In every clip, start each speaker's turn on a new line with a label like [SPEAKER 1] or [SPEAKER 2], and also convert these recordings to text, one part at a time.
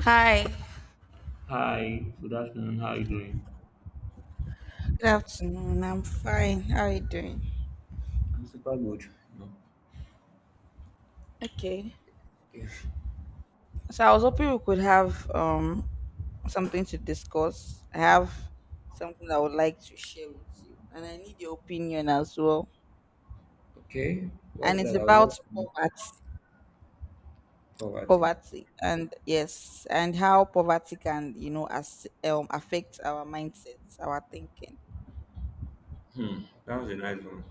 [SPEAKER 1] Hi.
[SPEAKER 2] Hi, good afternoon. How are you doing?
[SPEAKER 1] Good afternoon. I'm fine. How are you doing?
[SPEAKER 2] I'm super good. No.
[SPEAKER 1] Okay. So I was hoping we could have something to discuss. I have something I would like to share with you, and I need your opinion as well.
[SPEAKER 2] Okay, what's
[SPEAKER 1] And
[SPEAKER 2] that?
[SPEAKER 1] it's
[SPEAKER 2] I would love
[SPEAKER 1] about poverty,
[SPEAKER 2] poverty.
[SPEAKER 1] poverty, and yes, and how poverty can, you know as affect our mindsets, our thinking.
[SPEAKER 2] Hmm, that was a nice one.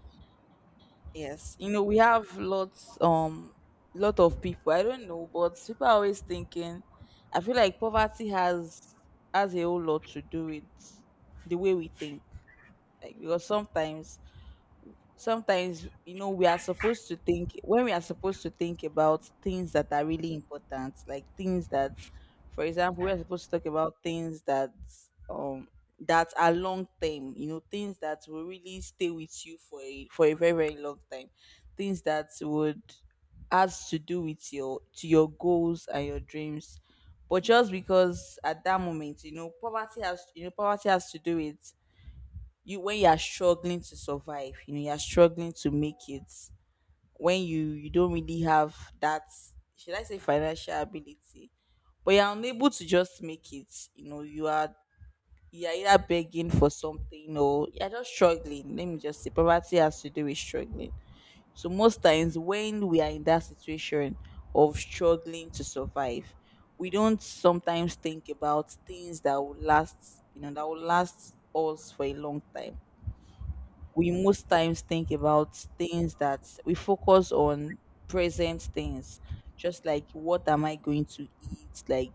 [SPEAKER 1] Yes, you know, we have lot of people. I don't know, but people are always thinking I feel like poverty has a whole lot to do with the way we think. Like, because sometimes you know, we are supposed to think about things that are really important, like things that for example we are supposed to talk about things that um that are long term, you know, things that will really stay with you for a very very long time, things that would, has to do with your goals and your dreams. But just because at that moment, you know, poverty has to do, it, you, when you are struggling to survive, you know, you're struggling to make it, when you don't really have that, should I say, financial ability, but you're unable to just make it, you know, you are, you're either begging for something, or you're just struggling. Let me just say poverty has to do with struggling. So most times when we are in that situation of struggling to survive, we don't sometimes think about things that will last, you know, that will last us for a long time. We most times think about things that we focus on, present things, just like, what am I going to eat? Like,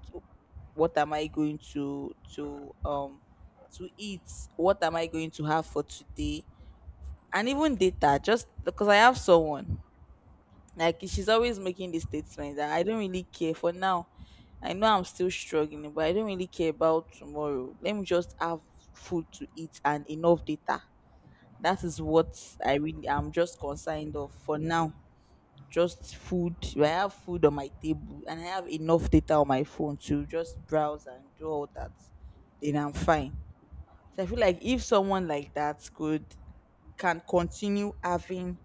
[SPEAKER 1] what am I going to eat? What am I going to have for today? And even data. Just because I have someone, like she's always making this statement that, I don't really care for now. I know I'm still struggling, but I don't really care about tomorrow. Let me just have food to eat and enough data. That is what I really am just concerned of for now. Just food. I have food on my table and I have enough data on my phone to just browse and do all that, then I'm fine. So I feel like if someone like that could, can continue having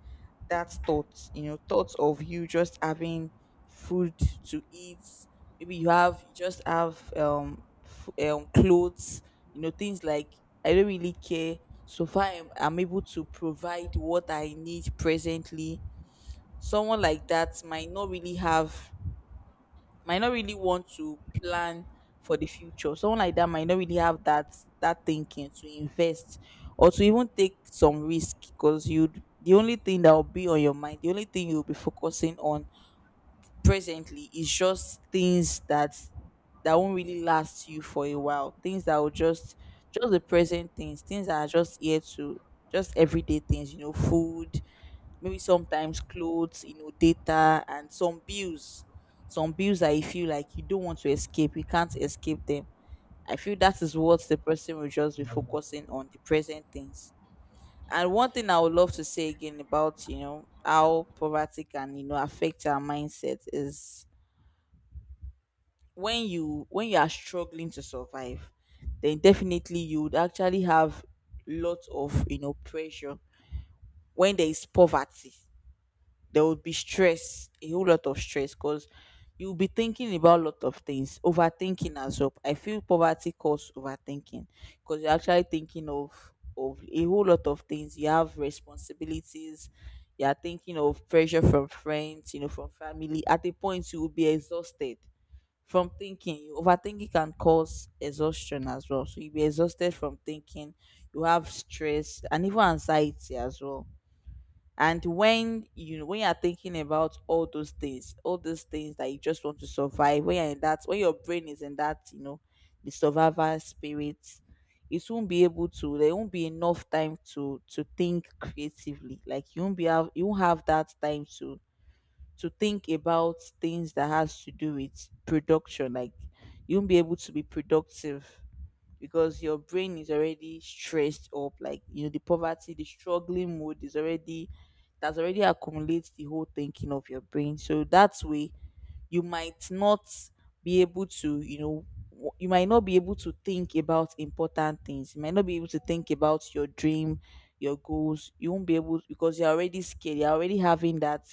[SPEAKER 1] that thought, you know, thoughts of you just having food to eat. Maybe you just have clothes, you know, things like, I don't really care. So far, I'm able to provide what I need presently. Someone like that might not really have, might not really want to plan for the future. Someone like that might not really have that, that thinking to invest or to even take some risk, because you, the only thing that will be on your mind, the only thing you'll be focusing on presently is just things that, that won't really last you for a while. Things that will just the present things, things that are just here to, just everyday things, you know, food, maybe sometimes clothes, you know, data and some bills. Some bills that you feel like you don't want to escape, you can't escape them. I feel that is what the person will just be focusing on, the present things. And one thing I would love to say again about, you know, how poverty can, you know, affect our mindset is, when you are struggling to survive, then definitely you would actually have lots of, you know, pressure. When there is poverty, there would be stress, a whole lot of stress, because you'll be thinking about a lot of things, overthinking as well. I feel poverty causes overthinking, because you're actually thinking of a whole lot of things. You have responsibilities, you are thinking of pressure from friends, you know, from family. At a point you will be exhausted from thinking. Overthinking can cause exhaustion as well. So you'll be exhausted from thinking. You have stress and even anxiety as well. And when you are thinking about all those things that you just want to survive, when you're in that, when your brain is in that, you know, the survivor spirit, it won't be able to. There won't be enough time to think creatively. Like, you won't have that time to think about things that has to do with production. Like, you won't be able to be productive, because your brain is already stressed up. Like, you know, the poverty, the struggling mood is already, that's already accumulates the whole thinking of your brain. So that way, you might not be able to, you know, you might not be able to think about important things, you might not be able to think about your dream, your goals. You won't be able, because you're already scared, you're already having that,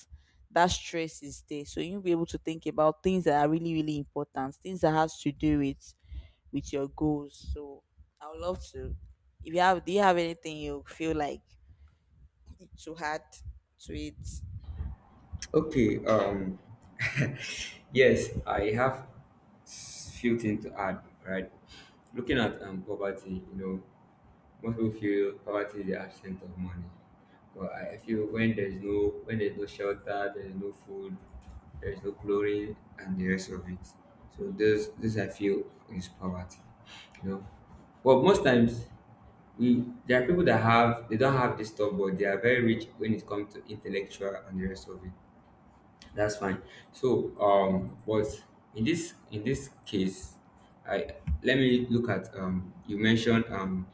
[SPEAKER 1] that stress is there. So you'll not be able to think about things that are really really important, things that has to do with your goals. So I would love to, if you have, do you have anything you feel like to add to it?
[SPEAKER 2] Okay, yes, I have few things to add, right? Looking at poverty, you know, most people feel poverty is the absence of money. But I feel when there's no shelter, there's no food, there's no clothing and the rest of it. So this I feel is poverty. You know. But most times we there are people that have they don't have this stuff, but they are very rich when it comes to intellectual and the rest of it. That's fine. So but in this case, I let me look at you mentioned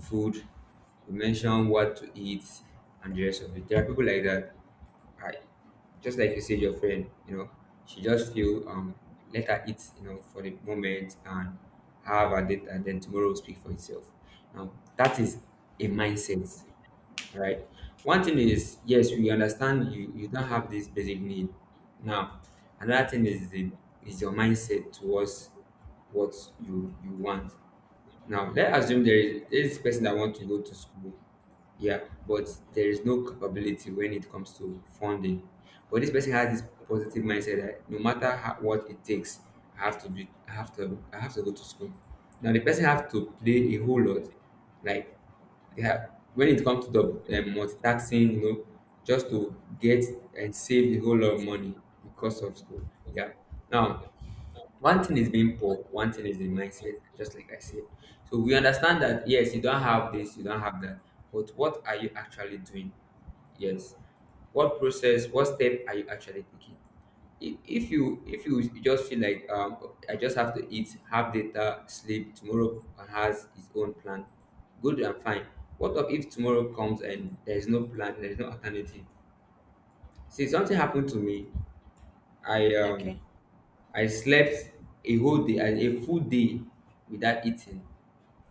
[SPEAKER 2] food, you mentioned what to eat and the rest of it. There are people like that. I Just like you said, your friend, you know, she just feel let her eat, you know, for the moment and have her date, and then tomorrow will speak for itself. Now that is a mindset, right? One thing is, yes, we understand you don't have this basic need. Now another thing is the is your mindset towards what you want. Now, let's assume there is person that want to go to school, yeah, but there is no capability when it comes to funding. But this person has this positive mindset that no matter how, what it takes, I have to go to school. Now, the person have to play a whole lot, like they have when it comes to the multitasking, you know, just to get and save a whole lot of money because of school. Yeah. Now, one thing is being poor, one thing is the mindset, just like I said. So we understand that, yes, you don't have this, you don't have that, but what are you actually doing? Yes. What process, what step are you actually taking? If you just feel like I just have to eat, have data, sleep, tomorrow has its own plan, good and fine. What of if tomorrow comes and there is no plan, there is no alternative? See, something happened to me. I um
[SPEAKER 1] Okay.
[SPEAKER 2] I slept a whole day, a full day without eating.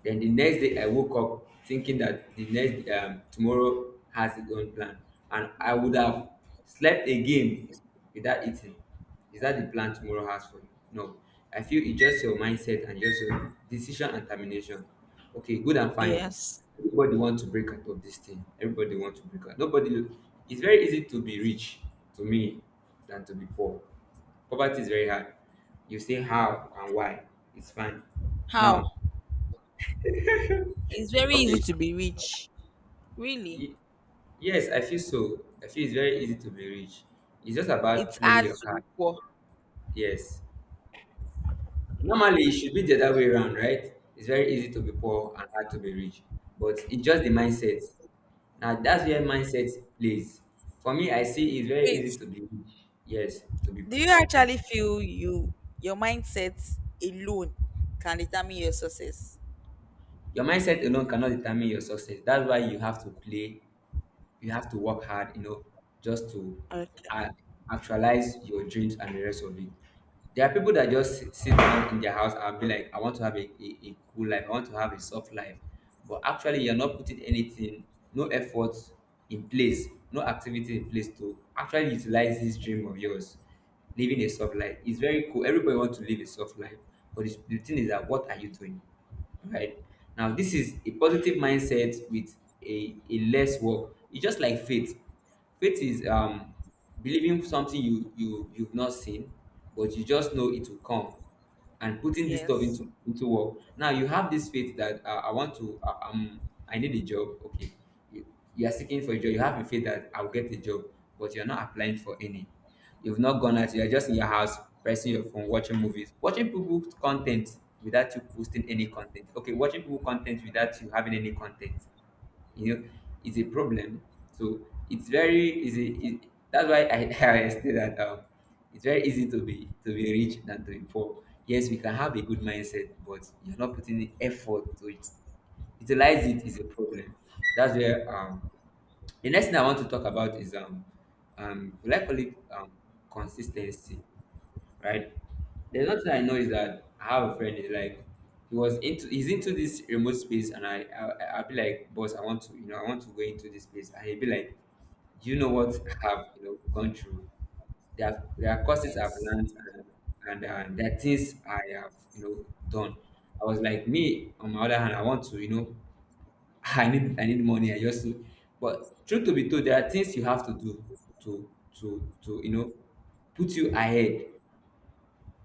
[SPEAKER 2] Then the next day, I woke up thinking that the next tomorrow has its own plan, and I would have slept again without eating. Is that the plan tomorrow has for you? No. I feel it's just your mindset and just your decision and termination. Okay, good and fine.
[SPEAKER 1] Yes.
[SPEAKER 2] Everybody want to break out of this thing. Everybody want to break out. Nobody. It's very easy to be rich to me than to be poor. Poverty is very hard. You say how and why. It's fine.
[SPEAKER 1] How?
[SPEAKER 2] Now,
[SPEAKER 1] It's very easy
[SPEAKER 2] okay.
[SPEAKER 1] to be rich. Really?
[SPEAKER 2] y- Yes, I feel so. I feel it's very easy to be rich. It's just about
[SPEAKER 1] It's
[SPEAKER 2] playing
[SPEAKER 1] hard
[SPEAKER 2] your
[SPEAKER 1] to be
[SPEAKER 2] card.
[SPEAKER 1] poor.
[SPEAKER 2] Yes. Normally, it should be the other way around, right? It's very easy to be poor and hard to be rich. But it's just the mindset. Now, that's where mindset plays. For me, I see it's very easy
[SPEAKER 1] Wait.
[SPEAKER 2] to be rich. Yes, to be
[SPEAKER 1] Do you
[SPEAKER 2] that to be.
[SPEAKER 1] actually feel you, your mindset alone can determine your success?
[SPEAKER 2] Your mindset alone cannot determine your success. That's why you have to play, you have to work hard, you know, just to uh,
[SPEAKER 1] Okay.
[SPEAKER 2] actualize your dreams and the rest of it. There are people that just sit down in their house and be like, I want to have a cool life, I want to have a soft life. But actually, you're not putting anything, no effort in place, no activity in place to actually utilize this dream of yours. Living a soft life is very cool. Everybody wants to live a soft life. But the thing is that, what are you doing? Right now, this is a positive mindset with a less work. It's just like faith. Faith is believing something you've not seen, but you just know it will come, and putting this stuff
[SPEAKER 1] Yes.
[SPEAKER 2] into work. Now you have this faith that I want to I need a job. Okay, you, you are seeking for a job, you have a faith that I'll get a job, but you're not applying for any. You've not gone out, you're just in your house pressing your phone, watching movies, watching people's content without you posting any content. Okay, watching people content without you having any content. You know, it's a problem. So it's very easy that's why I I say that it's very easy to be rich than to be poor. Yes, we can have a good mindset, but you're not putting the effort to it. Utilize it is a problem. That's where the next thing I want to talk about is will I call it consistency, right? There's nothing I know is that I have a friend is like he's into this remote space, and I'll be like, boss, I want to, you know, I want to go into this place, and he'll be like, do you know what, I have, you know, gone through, there are courses I've
[SPEAKER 1] Yes.
[SPEAKER 2] learned and there are things I have, you know, done. I was like, me on my other hand, I want to, you know, I need money, I just to, but truth to be told, there are things you have to do to you know, put you ahead.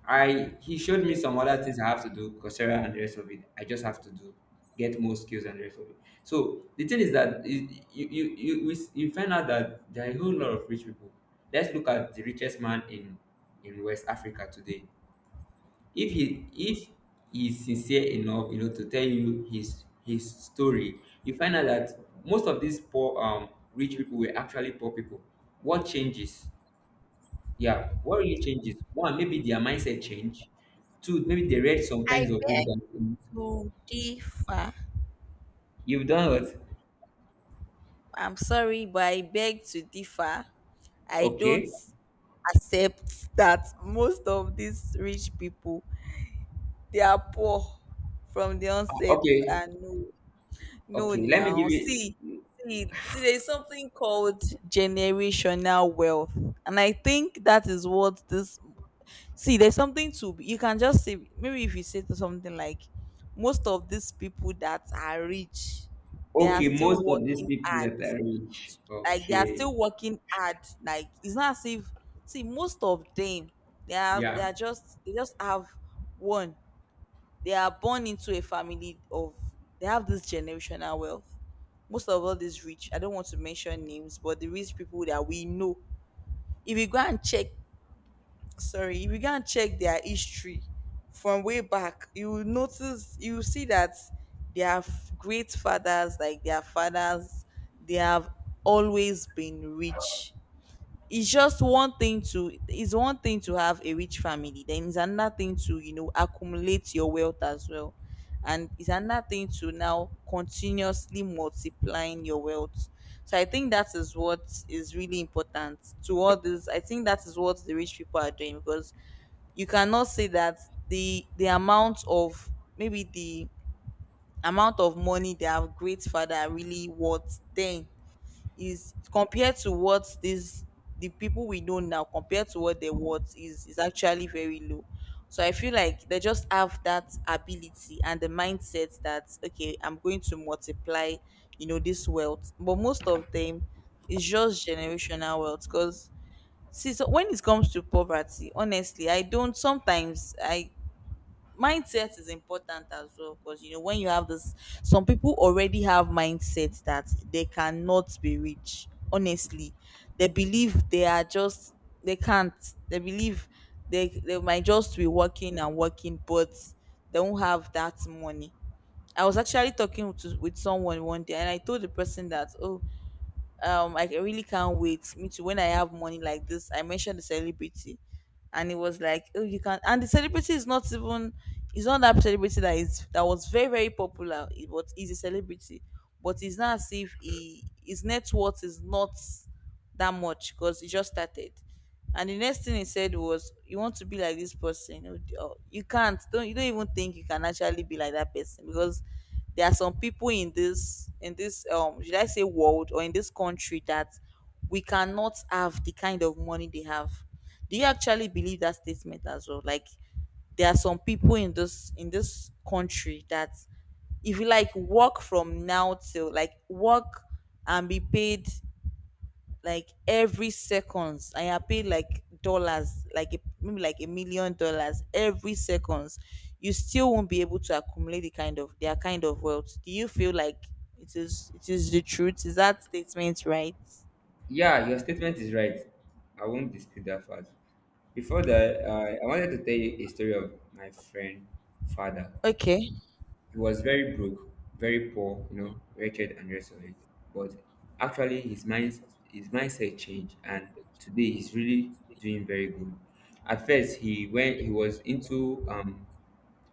[SPEAKER 2] I, he showed me some other things I have to do, Coursera and the rest of it. I just have to do get more skills and the rest of it. So the thing is that you you find out that there are a whole lot of rich people. Let's look at the richest man in West Africa today. If he's sincere enough, you know, to tell you his story, you find out that most of these poor rich people were actually poor people. What changes? Yeah, what really changes? One, maybe their mindset change. Two, maybe they read some
[SPEAKER 1] I
[SPEAKER 2] kinds of
[SPEAKER 1] beg
[SPEAKER 2] book that mm,
[SPEAKER 1] to differ.
[SPEAKER 2] you've done what?
[SPEAKER 1] I'm sorry, but I beg to differ. I don't
[SPEAKER 2] Okay.
[SPEAKER 1] accept that most of these rich people, they are poor from the
[SPEAKER 2] Ah,
[SPEAKER 1] onset,
[SPEAKER 2] okay,
[SPEAKER 1] and no. No,
[SPEAKER 2] okay. Let me give
[SPEAKER 1] now
[SPEAKER 2] you.
[SPEAKER 1] see, see, see. There's something called generational wealth, and I think that is what this. See, there's something to be- you can just say, maybe if you say to something like, most of these people that are rich, they are
[SPEAKER 2] Okay, most
[SPEAKER 1] still
[SPEAKER 2] of these
[SPEAKER 1] working
[SPEAKER 2] people
[SPEAKER 1] hard.
[SPEAKER 2] that are rich.
[SPEAKER 1] Like, they are
[SPEAKER 2] Okay,
[SPEAKER 1] still working hard. Like, it's not as if, see, most of them, they are they
[SPEAKER 2] yeah,
[SPEAKER 1] are just they just have one, they are born into a family of, they have this generational wealth. Most of all these rich, I don't want to mention names, but the rich people that we know. If you go and check, sorry, if you go and check their history from way back, you will notice, you will see that they have great fathers, like their fathers, they have always been rich. It's just one thing to, it's one thing to have a rich family, then it's another thing to, you know, accumulate your wealth as well, and it's another thing to now continuously multiplying your wealth. So I think that is what is really important to all this. I think that is what the rich people are doing, because you cannot say that the amount of, maybe the amount of money they have, great father really worth then, is compared to what this, the people we know now, compared to what they want, is actually very low. So I feel like they just have that ability and the mindset that, okay, I'm going to multiply, you know, this wealth. But most of them is just generational wealth, because, see, so when it comes to poverty, honestly, I don't sometimes, I, mindset is important as well, because, you know, when you have this, some people already have mindsets that they cannot be rich, honestly. They believe they are just, they can't, they believe, they might just be working and working, but they won't have that money. I was actually talking to, with someone one day, and I told the person that, oh, like, really can't wait me too, when I have money like this. I mentioned the celebrity, and it was like, oh, you can. And the celebrity is not even, it's not that celebrity that is, that was very very popular. It- but he's a celebrity, but it's not as if he, his net worth is not that much, because he just started. And the next thing he said was, "You want to be like this person? Oh, you can't. Don't, you don't even think you can actually be like that person, because there are some people in this, should I say world or in this country, that we cannot have the kind of money they have." Do you actually believe that statement as well? Like, there are some people in this country, that if you like work from now till, like, work and be paid, like every seconds I are paid, like dollars, like a, maybe like $1 million every seconds, you still won't be able to accumulate their kind of wealth. Do you feel like it is the truth, is that statement right?
[SPEAKER 2] yeah. Your statement is right. I won't dispute that fact. Before that, I wanted to tell you a story of my friend father.
[SPEAKER 1] Okay.
[SPEAKER 2] He was very broke, very poor, you know, wretched and rest of it. But actually, his mindset changed, and today he's really doing very good. At first, he was into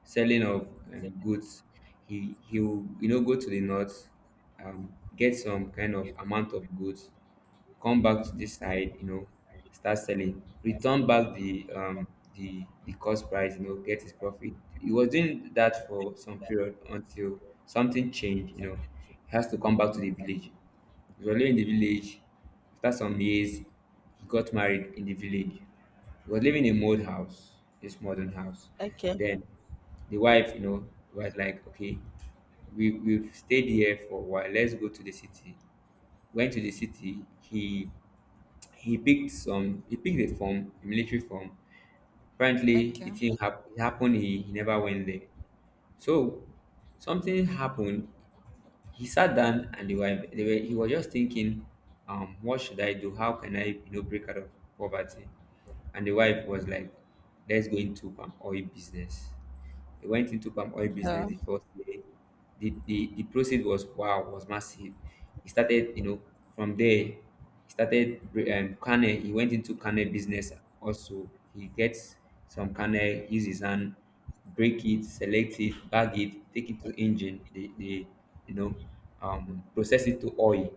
[SPEAKER 2] selling of goods. He will, you know, go to the north, get some kind of amount of goods, come back to this side, you know, start selling, return back the cost price, you know, get his profit. He was doing that for some period until something changed, you know. He has to come back to the village. He was living in the village. After some years, he got married in the village. He was living in a old house, this modern house.
[SPEAKER 1] Okay.
[SPEAKER 2] Then the wife, you know, was like, okay, we've stayed here for a while, let's go to the city. Went to the city, he picked some. He picked a form, a military form. Apparently,
[SPEAKER 1] Okay.
[SPEAKER 2] it happened. He never went there. So something happened. He sat down and he was just thinking, what should I do? How can I, you know, break out of poverty? And the wife was like, let's go into palm oil business. They went into palm oil
[SPEAKER 1] uh,
[SPEAKER 2] business the first day. The proceed was wow, was massive. He started, you know, from there, he started canne. He went into canne business also. He gets some canne, use his hand, break it, select it, bag it, take it to engine. They, you know, process it to oil.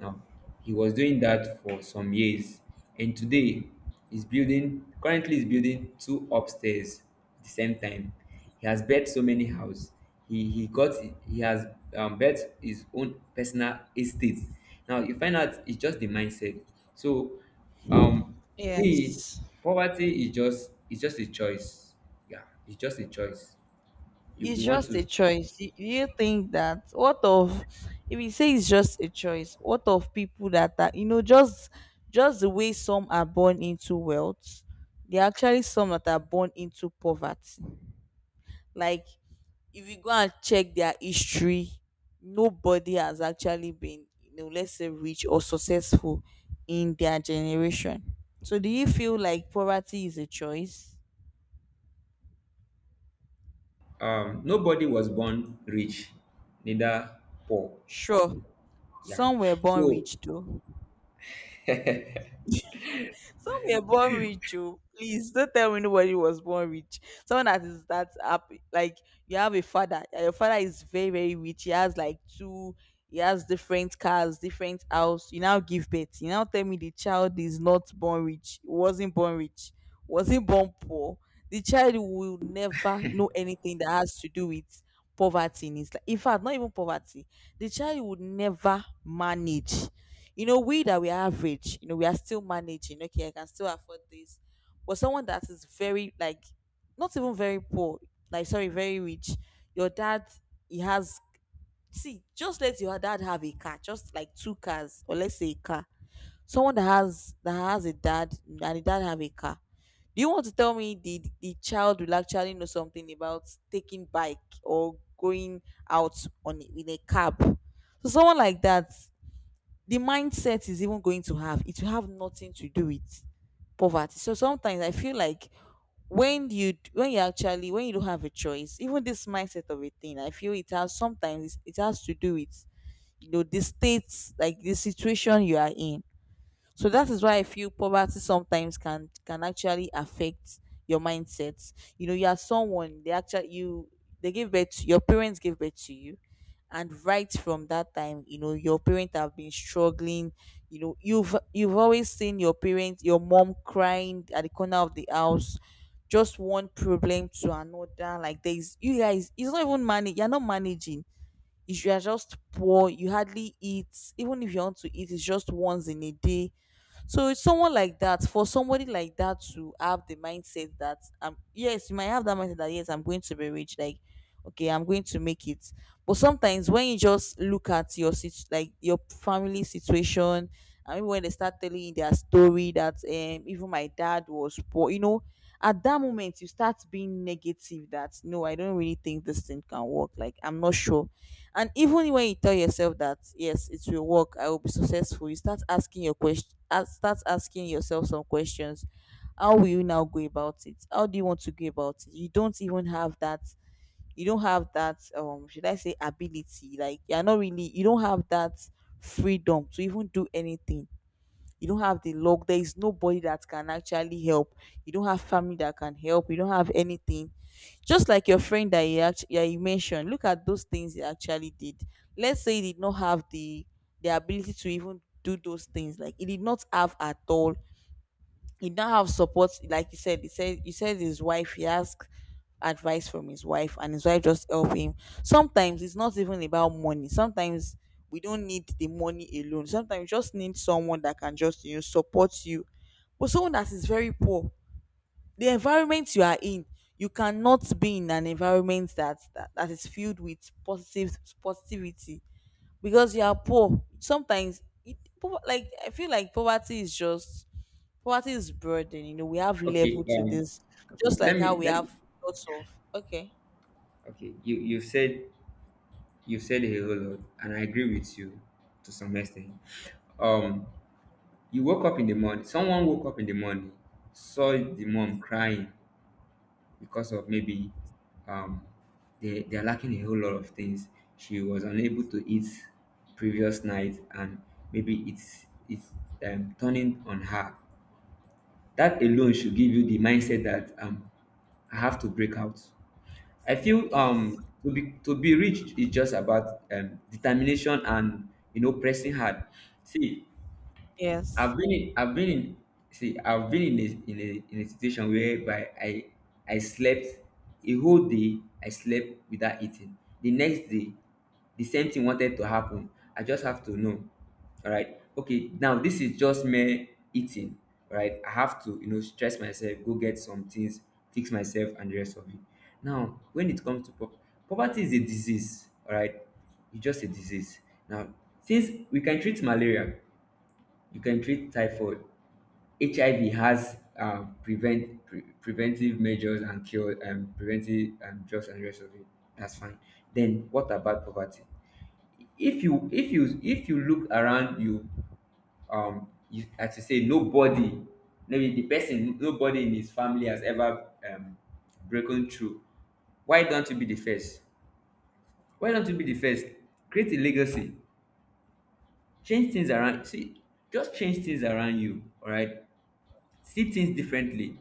[SPEAKER 2] Now, he was doing that for some years, and today he's building. Currently, he's building two upstairs at the same time. He has built so many houses. He he got he has built his own personal estate. Now you find out it's just the mindset. So um for me,
[SPEAKER 1] yes,
[SPEAKER 2] poverty is just it's just a choice. Yeah, it's just a choice.
[SPEAKER 1] it's
[SPEAKER 2] You want
[SPEAKER 1] just a
[SPEAKER 2] to
[SPEAKER 1] choice. Do you think that what of if you say it's just a choice, what of people that are just the way some are born into wealth, there are actually some that are born into poverty. Like if you go and check their history, nobody has actually been let's say rich or successful in their generation. So do you feel like poverty is a choice?
[SPEAKER 2] nobody was born rich, neither poor.
[SPEAKER 1] Sure,
[SPEAKER 2] Yeah.
[SPEAKER 1] some were born
[SPEAKER 2] So
[SPEAKER 1] rich though. Some were born rich, oh. Please don't tell me nobody was born rich. Someone that is that happy. Like you have a father, and your father is very, very rich. He has different cars, different house. You now give birth. You now tell me the child is not born rich. Wasn't born rich. Wasn't born poor. The child will never know anything that has to do with poverty in his life. In fact, not even poverty. The child would never manage. We that we are average, we are still managing. Okay, I can still afford this. But someone that is very, like, not even very poor, like, sorry, very rich. Your dad, he has see, just let your dad have a car, just like two cars, or let's say a car. Someone that has a dad and the dad have a car. Do you want to tell me the child will actually know something about taking bike or going out on in a cab? So someone like that, the mindset is even going to have it will have nothing to do with poverty. So sometimes I feel like when you don't have a choice, even this mindset of a thing, I feel it has to do with, the states, like the situation you are in. So that is why I feel poverty sometimes can actually affect your mindset. You know, you are someone they actually you they give birth to, your parents give birth to you, and right from that time, your parents have been struggling. You know, you've always seen your parents, your mom crying at the corner of the house, just one problem to another. Like there is you guys, it's not even money. You're not managing. If you are just poor, you hardly eat. Even if you want to eat, it's just once in a day. So it's someone like that, for somebody like that to have the mindset that, yes, you might have that mindset that yes, I'm going to be rich, like, okay, I'm going to make it. But sometimes when you just look at your like your family situation, I mean, when they start telling you their story that, even my dad was poor, at that moment you start being negative that no, I don't really think this thing can work. Like, I'm not sure. And even when you tell yourself that yes, it will work, I will be successful, you start asking yourself some questions. How do you want to go about it? You don't have that, should I say, ability. Like you're not really you don't have that freedom to even do anything. You don't have the luck. There is nobody that can actually help. You don't have family that can help. You don't have anything. Just like your friend that you actually, yeah, you mentioned, look at those things he actually did. Let's say he did not have the ability to even do those things. Like, he did not have at all. He did not have support. Like he said his wife, he asked advice from his wife, and his wife just help him. Sometimes it's not even about money. Sometimes we don't need the money alone. Sometimes we just need someone that can just support you. But someone that is very poor, the environment you are in, you cannot be in an environment that is filled with positive positivity, because you are poor. Sometimes, like, I feel like poverty is burden. We have
[SPEAKER 2] okay,
[SPEAKER 1] level to this,
[SPEAKER 2] okay,
[SPEAKER 1] just like how we
[SPEAKER 2] let me
[SPEAKER 1] have lots of. Okay.
[SPEAKER 2] okay, you've said you've said a whole lot, and I agree with you to some extent. Um You woke up in the morning. Someone woke up in the morning, saw the mom crying because of maybe um, they are lacking a whole lot of things. She was unable to eat previous night, and maybe it's turning on her. That alone should give you the mindset that I have to break out. I feel
[SPEAKER 1] Yes.
[SPEAKER 2] to be rich is just about determination and you know pressing hard. See, I've
[SPEAKER 1] Yes.
[SPEAKER 2] been in, I've been in, I've been in a situation whereby I slept a whole day. I slept without eating. The next day, the same thing wanted to happen. I just have to know, all right. Okay, now this is just mere eating, all right. I have to, you know, stress myself, go get some things, fix myself, and the rest of it. Now, when it comes to poverty, is a disease, all right. It's just a disease. Now, since we can treat malaria, you can treat typhoid. HIV has preventive measures and cure preventive drugs and rest of it. That's fine. Then what about poverty? If you look around you, you, as you say, nobody, maybe the person, nobody in his family has ever broken through. Why don't you be the first? Why don't you be the first? Create a legacy, change things around. See, just change things around you, all right, see things differently.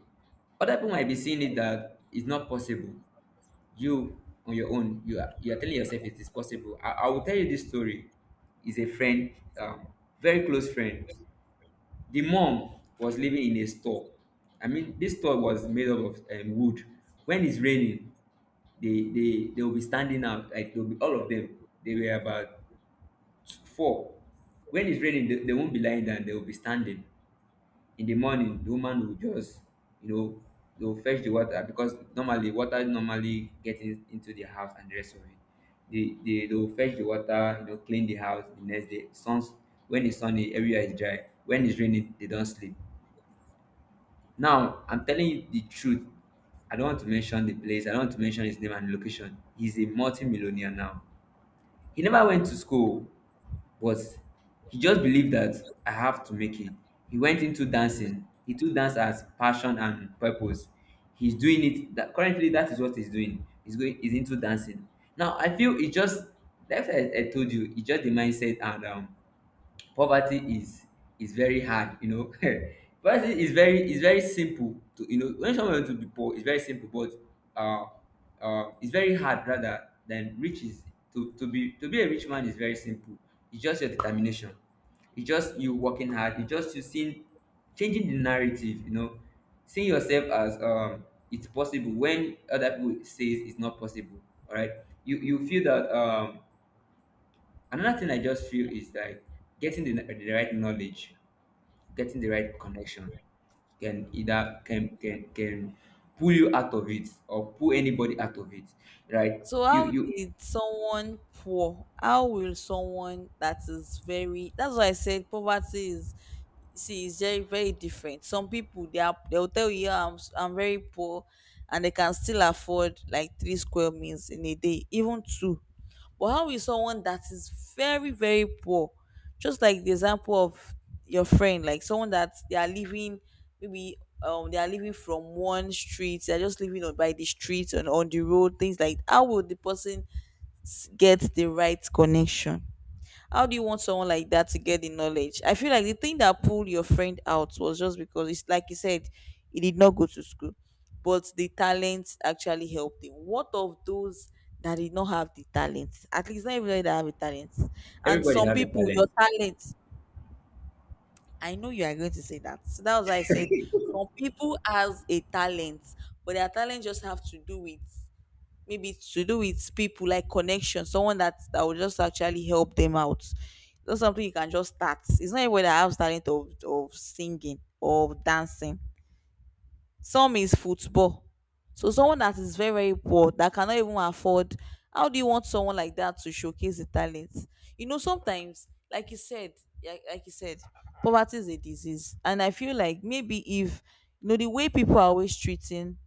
[SPEAKER 2] Other people might be seeing it that it's not possible. You, on your own, you are telling yourself it is possible. I will tell you this story. Is a friend, um, very close friend. The mom was living in a store. I mean, this store was made up of wood. When it's raining, they will be standing out. Like they'll be all of them. They were about four. When it's raining, they won't be lying down. They will be standing. In the morning the woman will just, you know, they will fetch the water because normally water normally get in, into the house and the rest of it. They will fetch the water, you know, clean the house. The next day suns, when it's sunny everywhere is dry. When it's raining they don't sleep. Now I'm telling you the truth. I don't want to mention the place, I don't want to mention his name and location. He's a multi-millionaire now. He never went to school, but he just believed that I have to make it. He went into dancing. He took dance as passion and purpose. He's doing it, that currently that is what he's doing. He's going, he's into dancing. Now I feel it just like I told you, it's just the mindset and poverty is very hard, you know. Poverty is very, is very simple to, you know, when someone want to be poor it's very simple, but uh it's very hard rather than riches. To be a rich man is very simple. It's just your determination, it's just you working hard, it's just you seeing, changing the narrative, you know, seeing yourself as, it's possible when other people says it's not possible, all right. You feel that another thing I just feel is like getting the right knowledge, getting the right connection can either can pull you out of it or pull anybody out of it. Right?
[SPEAKER 1] So
[SPEAKER 2] You
[SPEAKER 1] how
[SPEAKER 2] you
[SPEAKER 1] did someone poor? How will someone that is very? That's why I said poverty is. See, it's very, very different. Some people, they'll tell you, "Yeah, I'm very poor," and they can still afford like three square meals in a day, even two. But how is someone that is very, very poor, just like the example of your friend, like someone that they are living, maybe, they are living from one street, they are just living on by the street and on the road, things like. How will the person get the right connection? How do you want someone like that to get the knowledge? I feel like the thing that pulled your friend out was just because, it's like you said, he did not go to school, but the talent actually helped him. What of those that did not have the talent? At least not everybody that have a talent. And
[SPEAKER 2] everybody
[SPEAKER 1] some
[SPEAKER 2] have a
[SPEAKER 1] people,
[SPEAKER 2] talent.
[SPEAKER 1] your talent, I know you are going to say that. So that was why I said some people has a talent, but their talent just have to do with, maybe it's to do with people, like connection, someone that that will just actually help them out. It's not something you can just start. It's not everybody that has talent of singing or of dancing. Some is football. So someone that is very, very poor that cannot even afford, how do you want someone like that to showcase the talent? You know, sometimes, like you said, poverty is a disease. And I feel like, maybe if the way people are always treating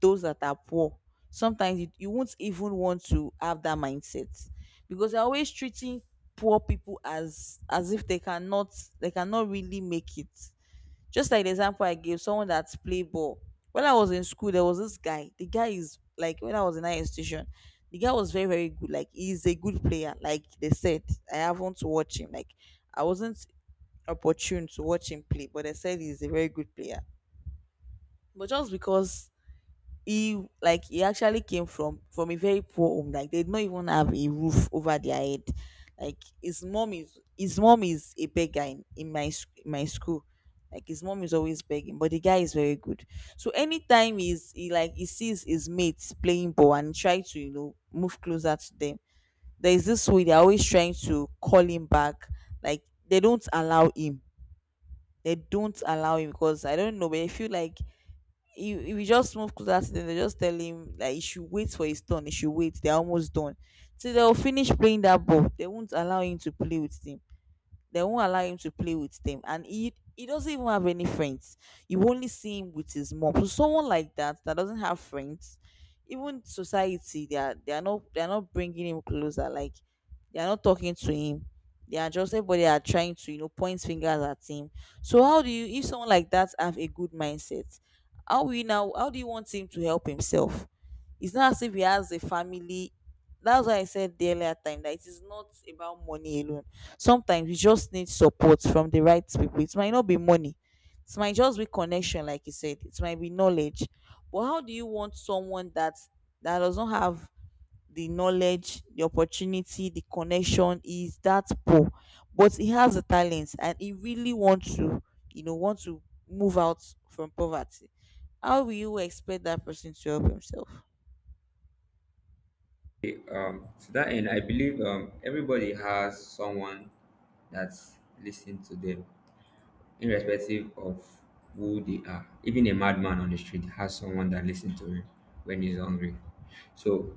[SPEAKER 1] those that are poor, sometimes you won't even want to have that mindset, because they're always treating poor people as if they cannot really make it. Just like the example I gave, someone that's play ball, when I was in school, there was this guy. The guy is, like, when I was in higher institution, the guy was very, very good, like, he's a good player. Like, they said, I haven't watched him, like, I wasn't opportune to watch him play, but they said he's a very good player. But just because he actually came from a very poor home, like, they did not even have a roof over their head, like his mom is a beggar, in my school. Like, his mom is always begging, but the guy is very good. So anytime he's he like he sees his mates playing ball and try to move closer to them, there is this way they're always trying to call him back. Like, They don't allow him because I don't know, but I feel like he will just move closer to them. They just tell him that he should wait for his turn. He should wait. They're almost done. So they'll finish playing that ball. They won't allow him to play with them. They won't allow him to play with them, and he doesn't even have any friends. You only see him with his mom. So someone like that, that doesn't have friends, even society, they are not bringing him closer. Like, they are not talking to him. They are just everybody are trying to point fingers at him. So how do you, if someone like that have a good mindset? How will you now? How do you want him to help himself? It's not as if he has a family. That's why I said the earlier time that it is not about money alone. Sometimes you just need support from the right people. It might not be money. It might just be connection, like you said. It might be knowledge. But how do you want someone that, that does not have the knowledge, the opportunity, the connection, is that poor, but he has the talents and he really wants to you know want to move out from poverty? How will you expect that person to help himself?
[SPEAKER 2] To that end, I believe everybody has someone that's listening to them, irrespective of who they are. Even a madman on the street has someone that listens to him when he's hungry. So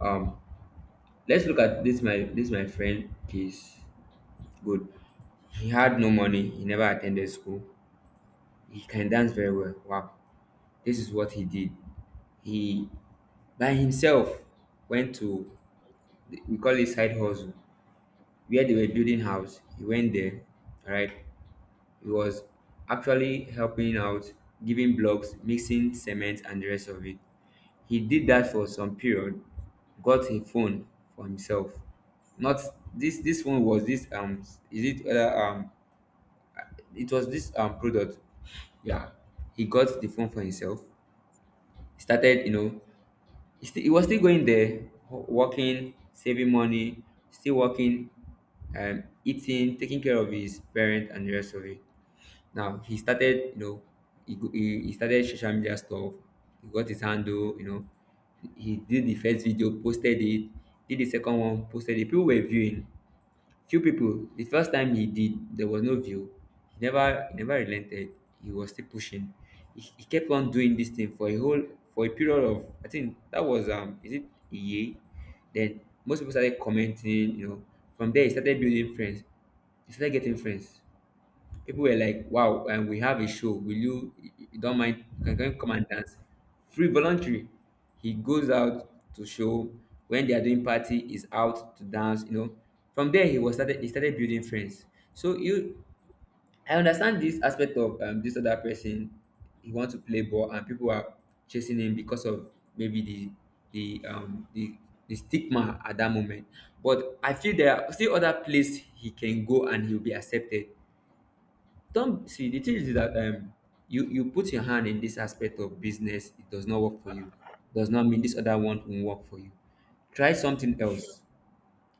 [SPEAKER 2] um, let's look at this my friend case. Good. He had no money. He never attended school. He can dance very well. Wow. This is what he did. He, by himself, went to the- we call it side hustle, where they were building house. He went there. All right. He was actually helping out, giving blocks, mixing cement and the rest of it. He did that for some period, got a phone for himself. Not this one, was this is it other it was this product. Yeah. He got the phone for himself. He started, you know, still he was still going there, working, saving money, still working, eating, taking care of his parents and the rest of it. Now he started, you know, he started social media stuff. He got his handle, you know. He did the first video, posted it. Did the second one, posted it. People were viewing. Few people. The first time he did, there was no view. He never relented. He was still pushing. He kept on doing this thing for a whole, for a period of, I think that was is it a year? Then most people started commenting, you know. From there, he started building friends. He started getting friends. People were like, wow, and we have a show. Will you, you don't mind? Can you come and dance? Free voluntary. He goes out to show. When they are doing party, he's out to dance, you know. From there, he started building friends. So you, I understand this aspect of this other person. He wants to play ball and people are chasing him because of maybe the, um, the, the stigma at that moment. But I feel there are still other places he can go and he'll be accepted. Don't see, the thing is that you put your hand in this aspect of business, it does not work for you. Does not mean this other one won't work for you. Try something else.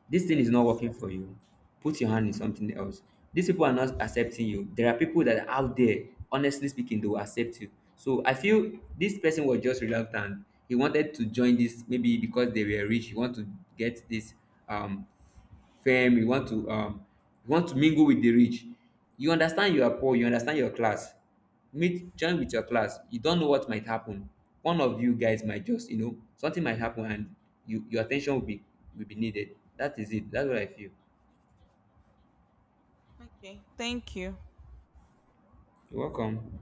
[SPEAKER 2] This thing is not
[SPEAKER 1] Yes.
[SPEAKER 2] working for you. Put your hand in something else. These people are not accepting you. There are people that are out there, honestly speaking, they will accept you. So I feel this person was just reluctant. He wanted to join this maybe because they were rich. He wanted to get this um firm, you want to mingle with the rich. You understand you are poor, you understand your class. Meet, join with your class. You don't know what might happen. One of you guys might just, you know, something might happen and you, your attention will be, will be needed. That is it, that's what I feel.
[SPEAKER 1] Okay, thank you.
[SPEAKER 2] You're welcome.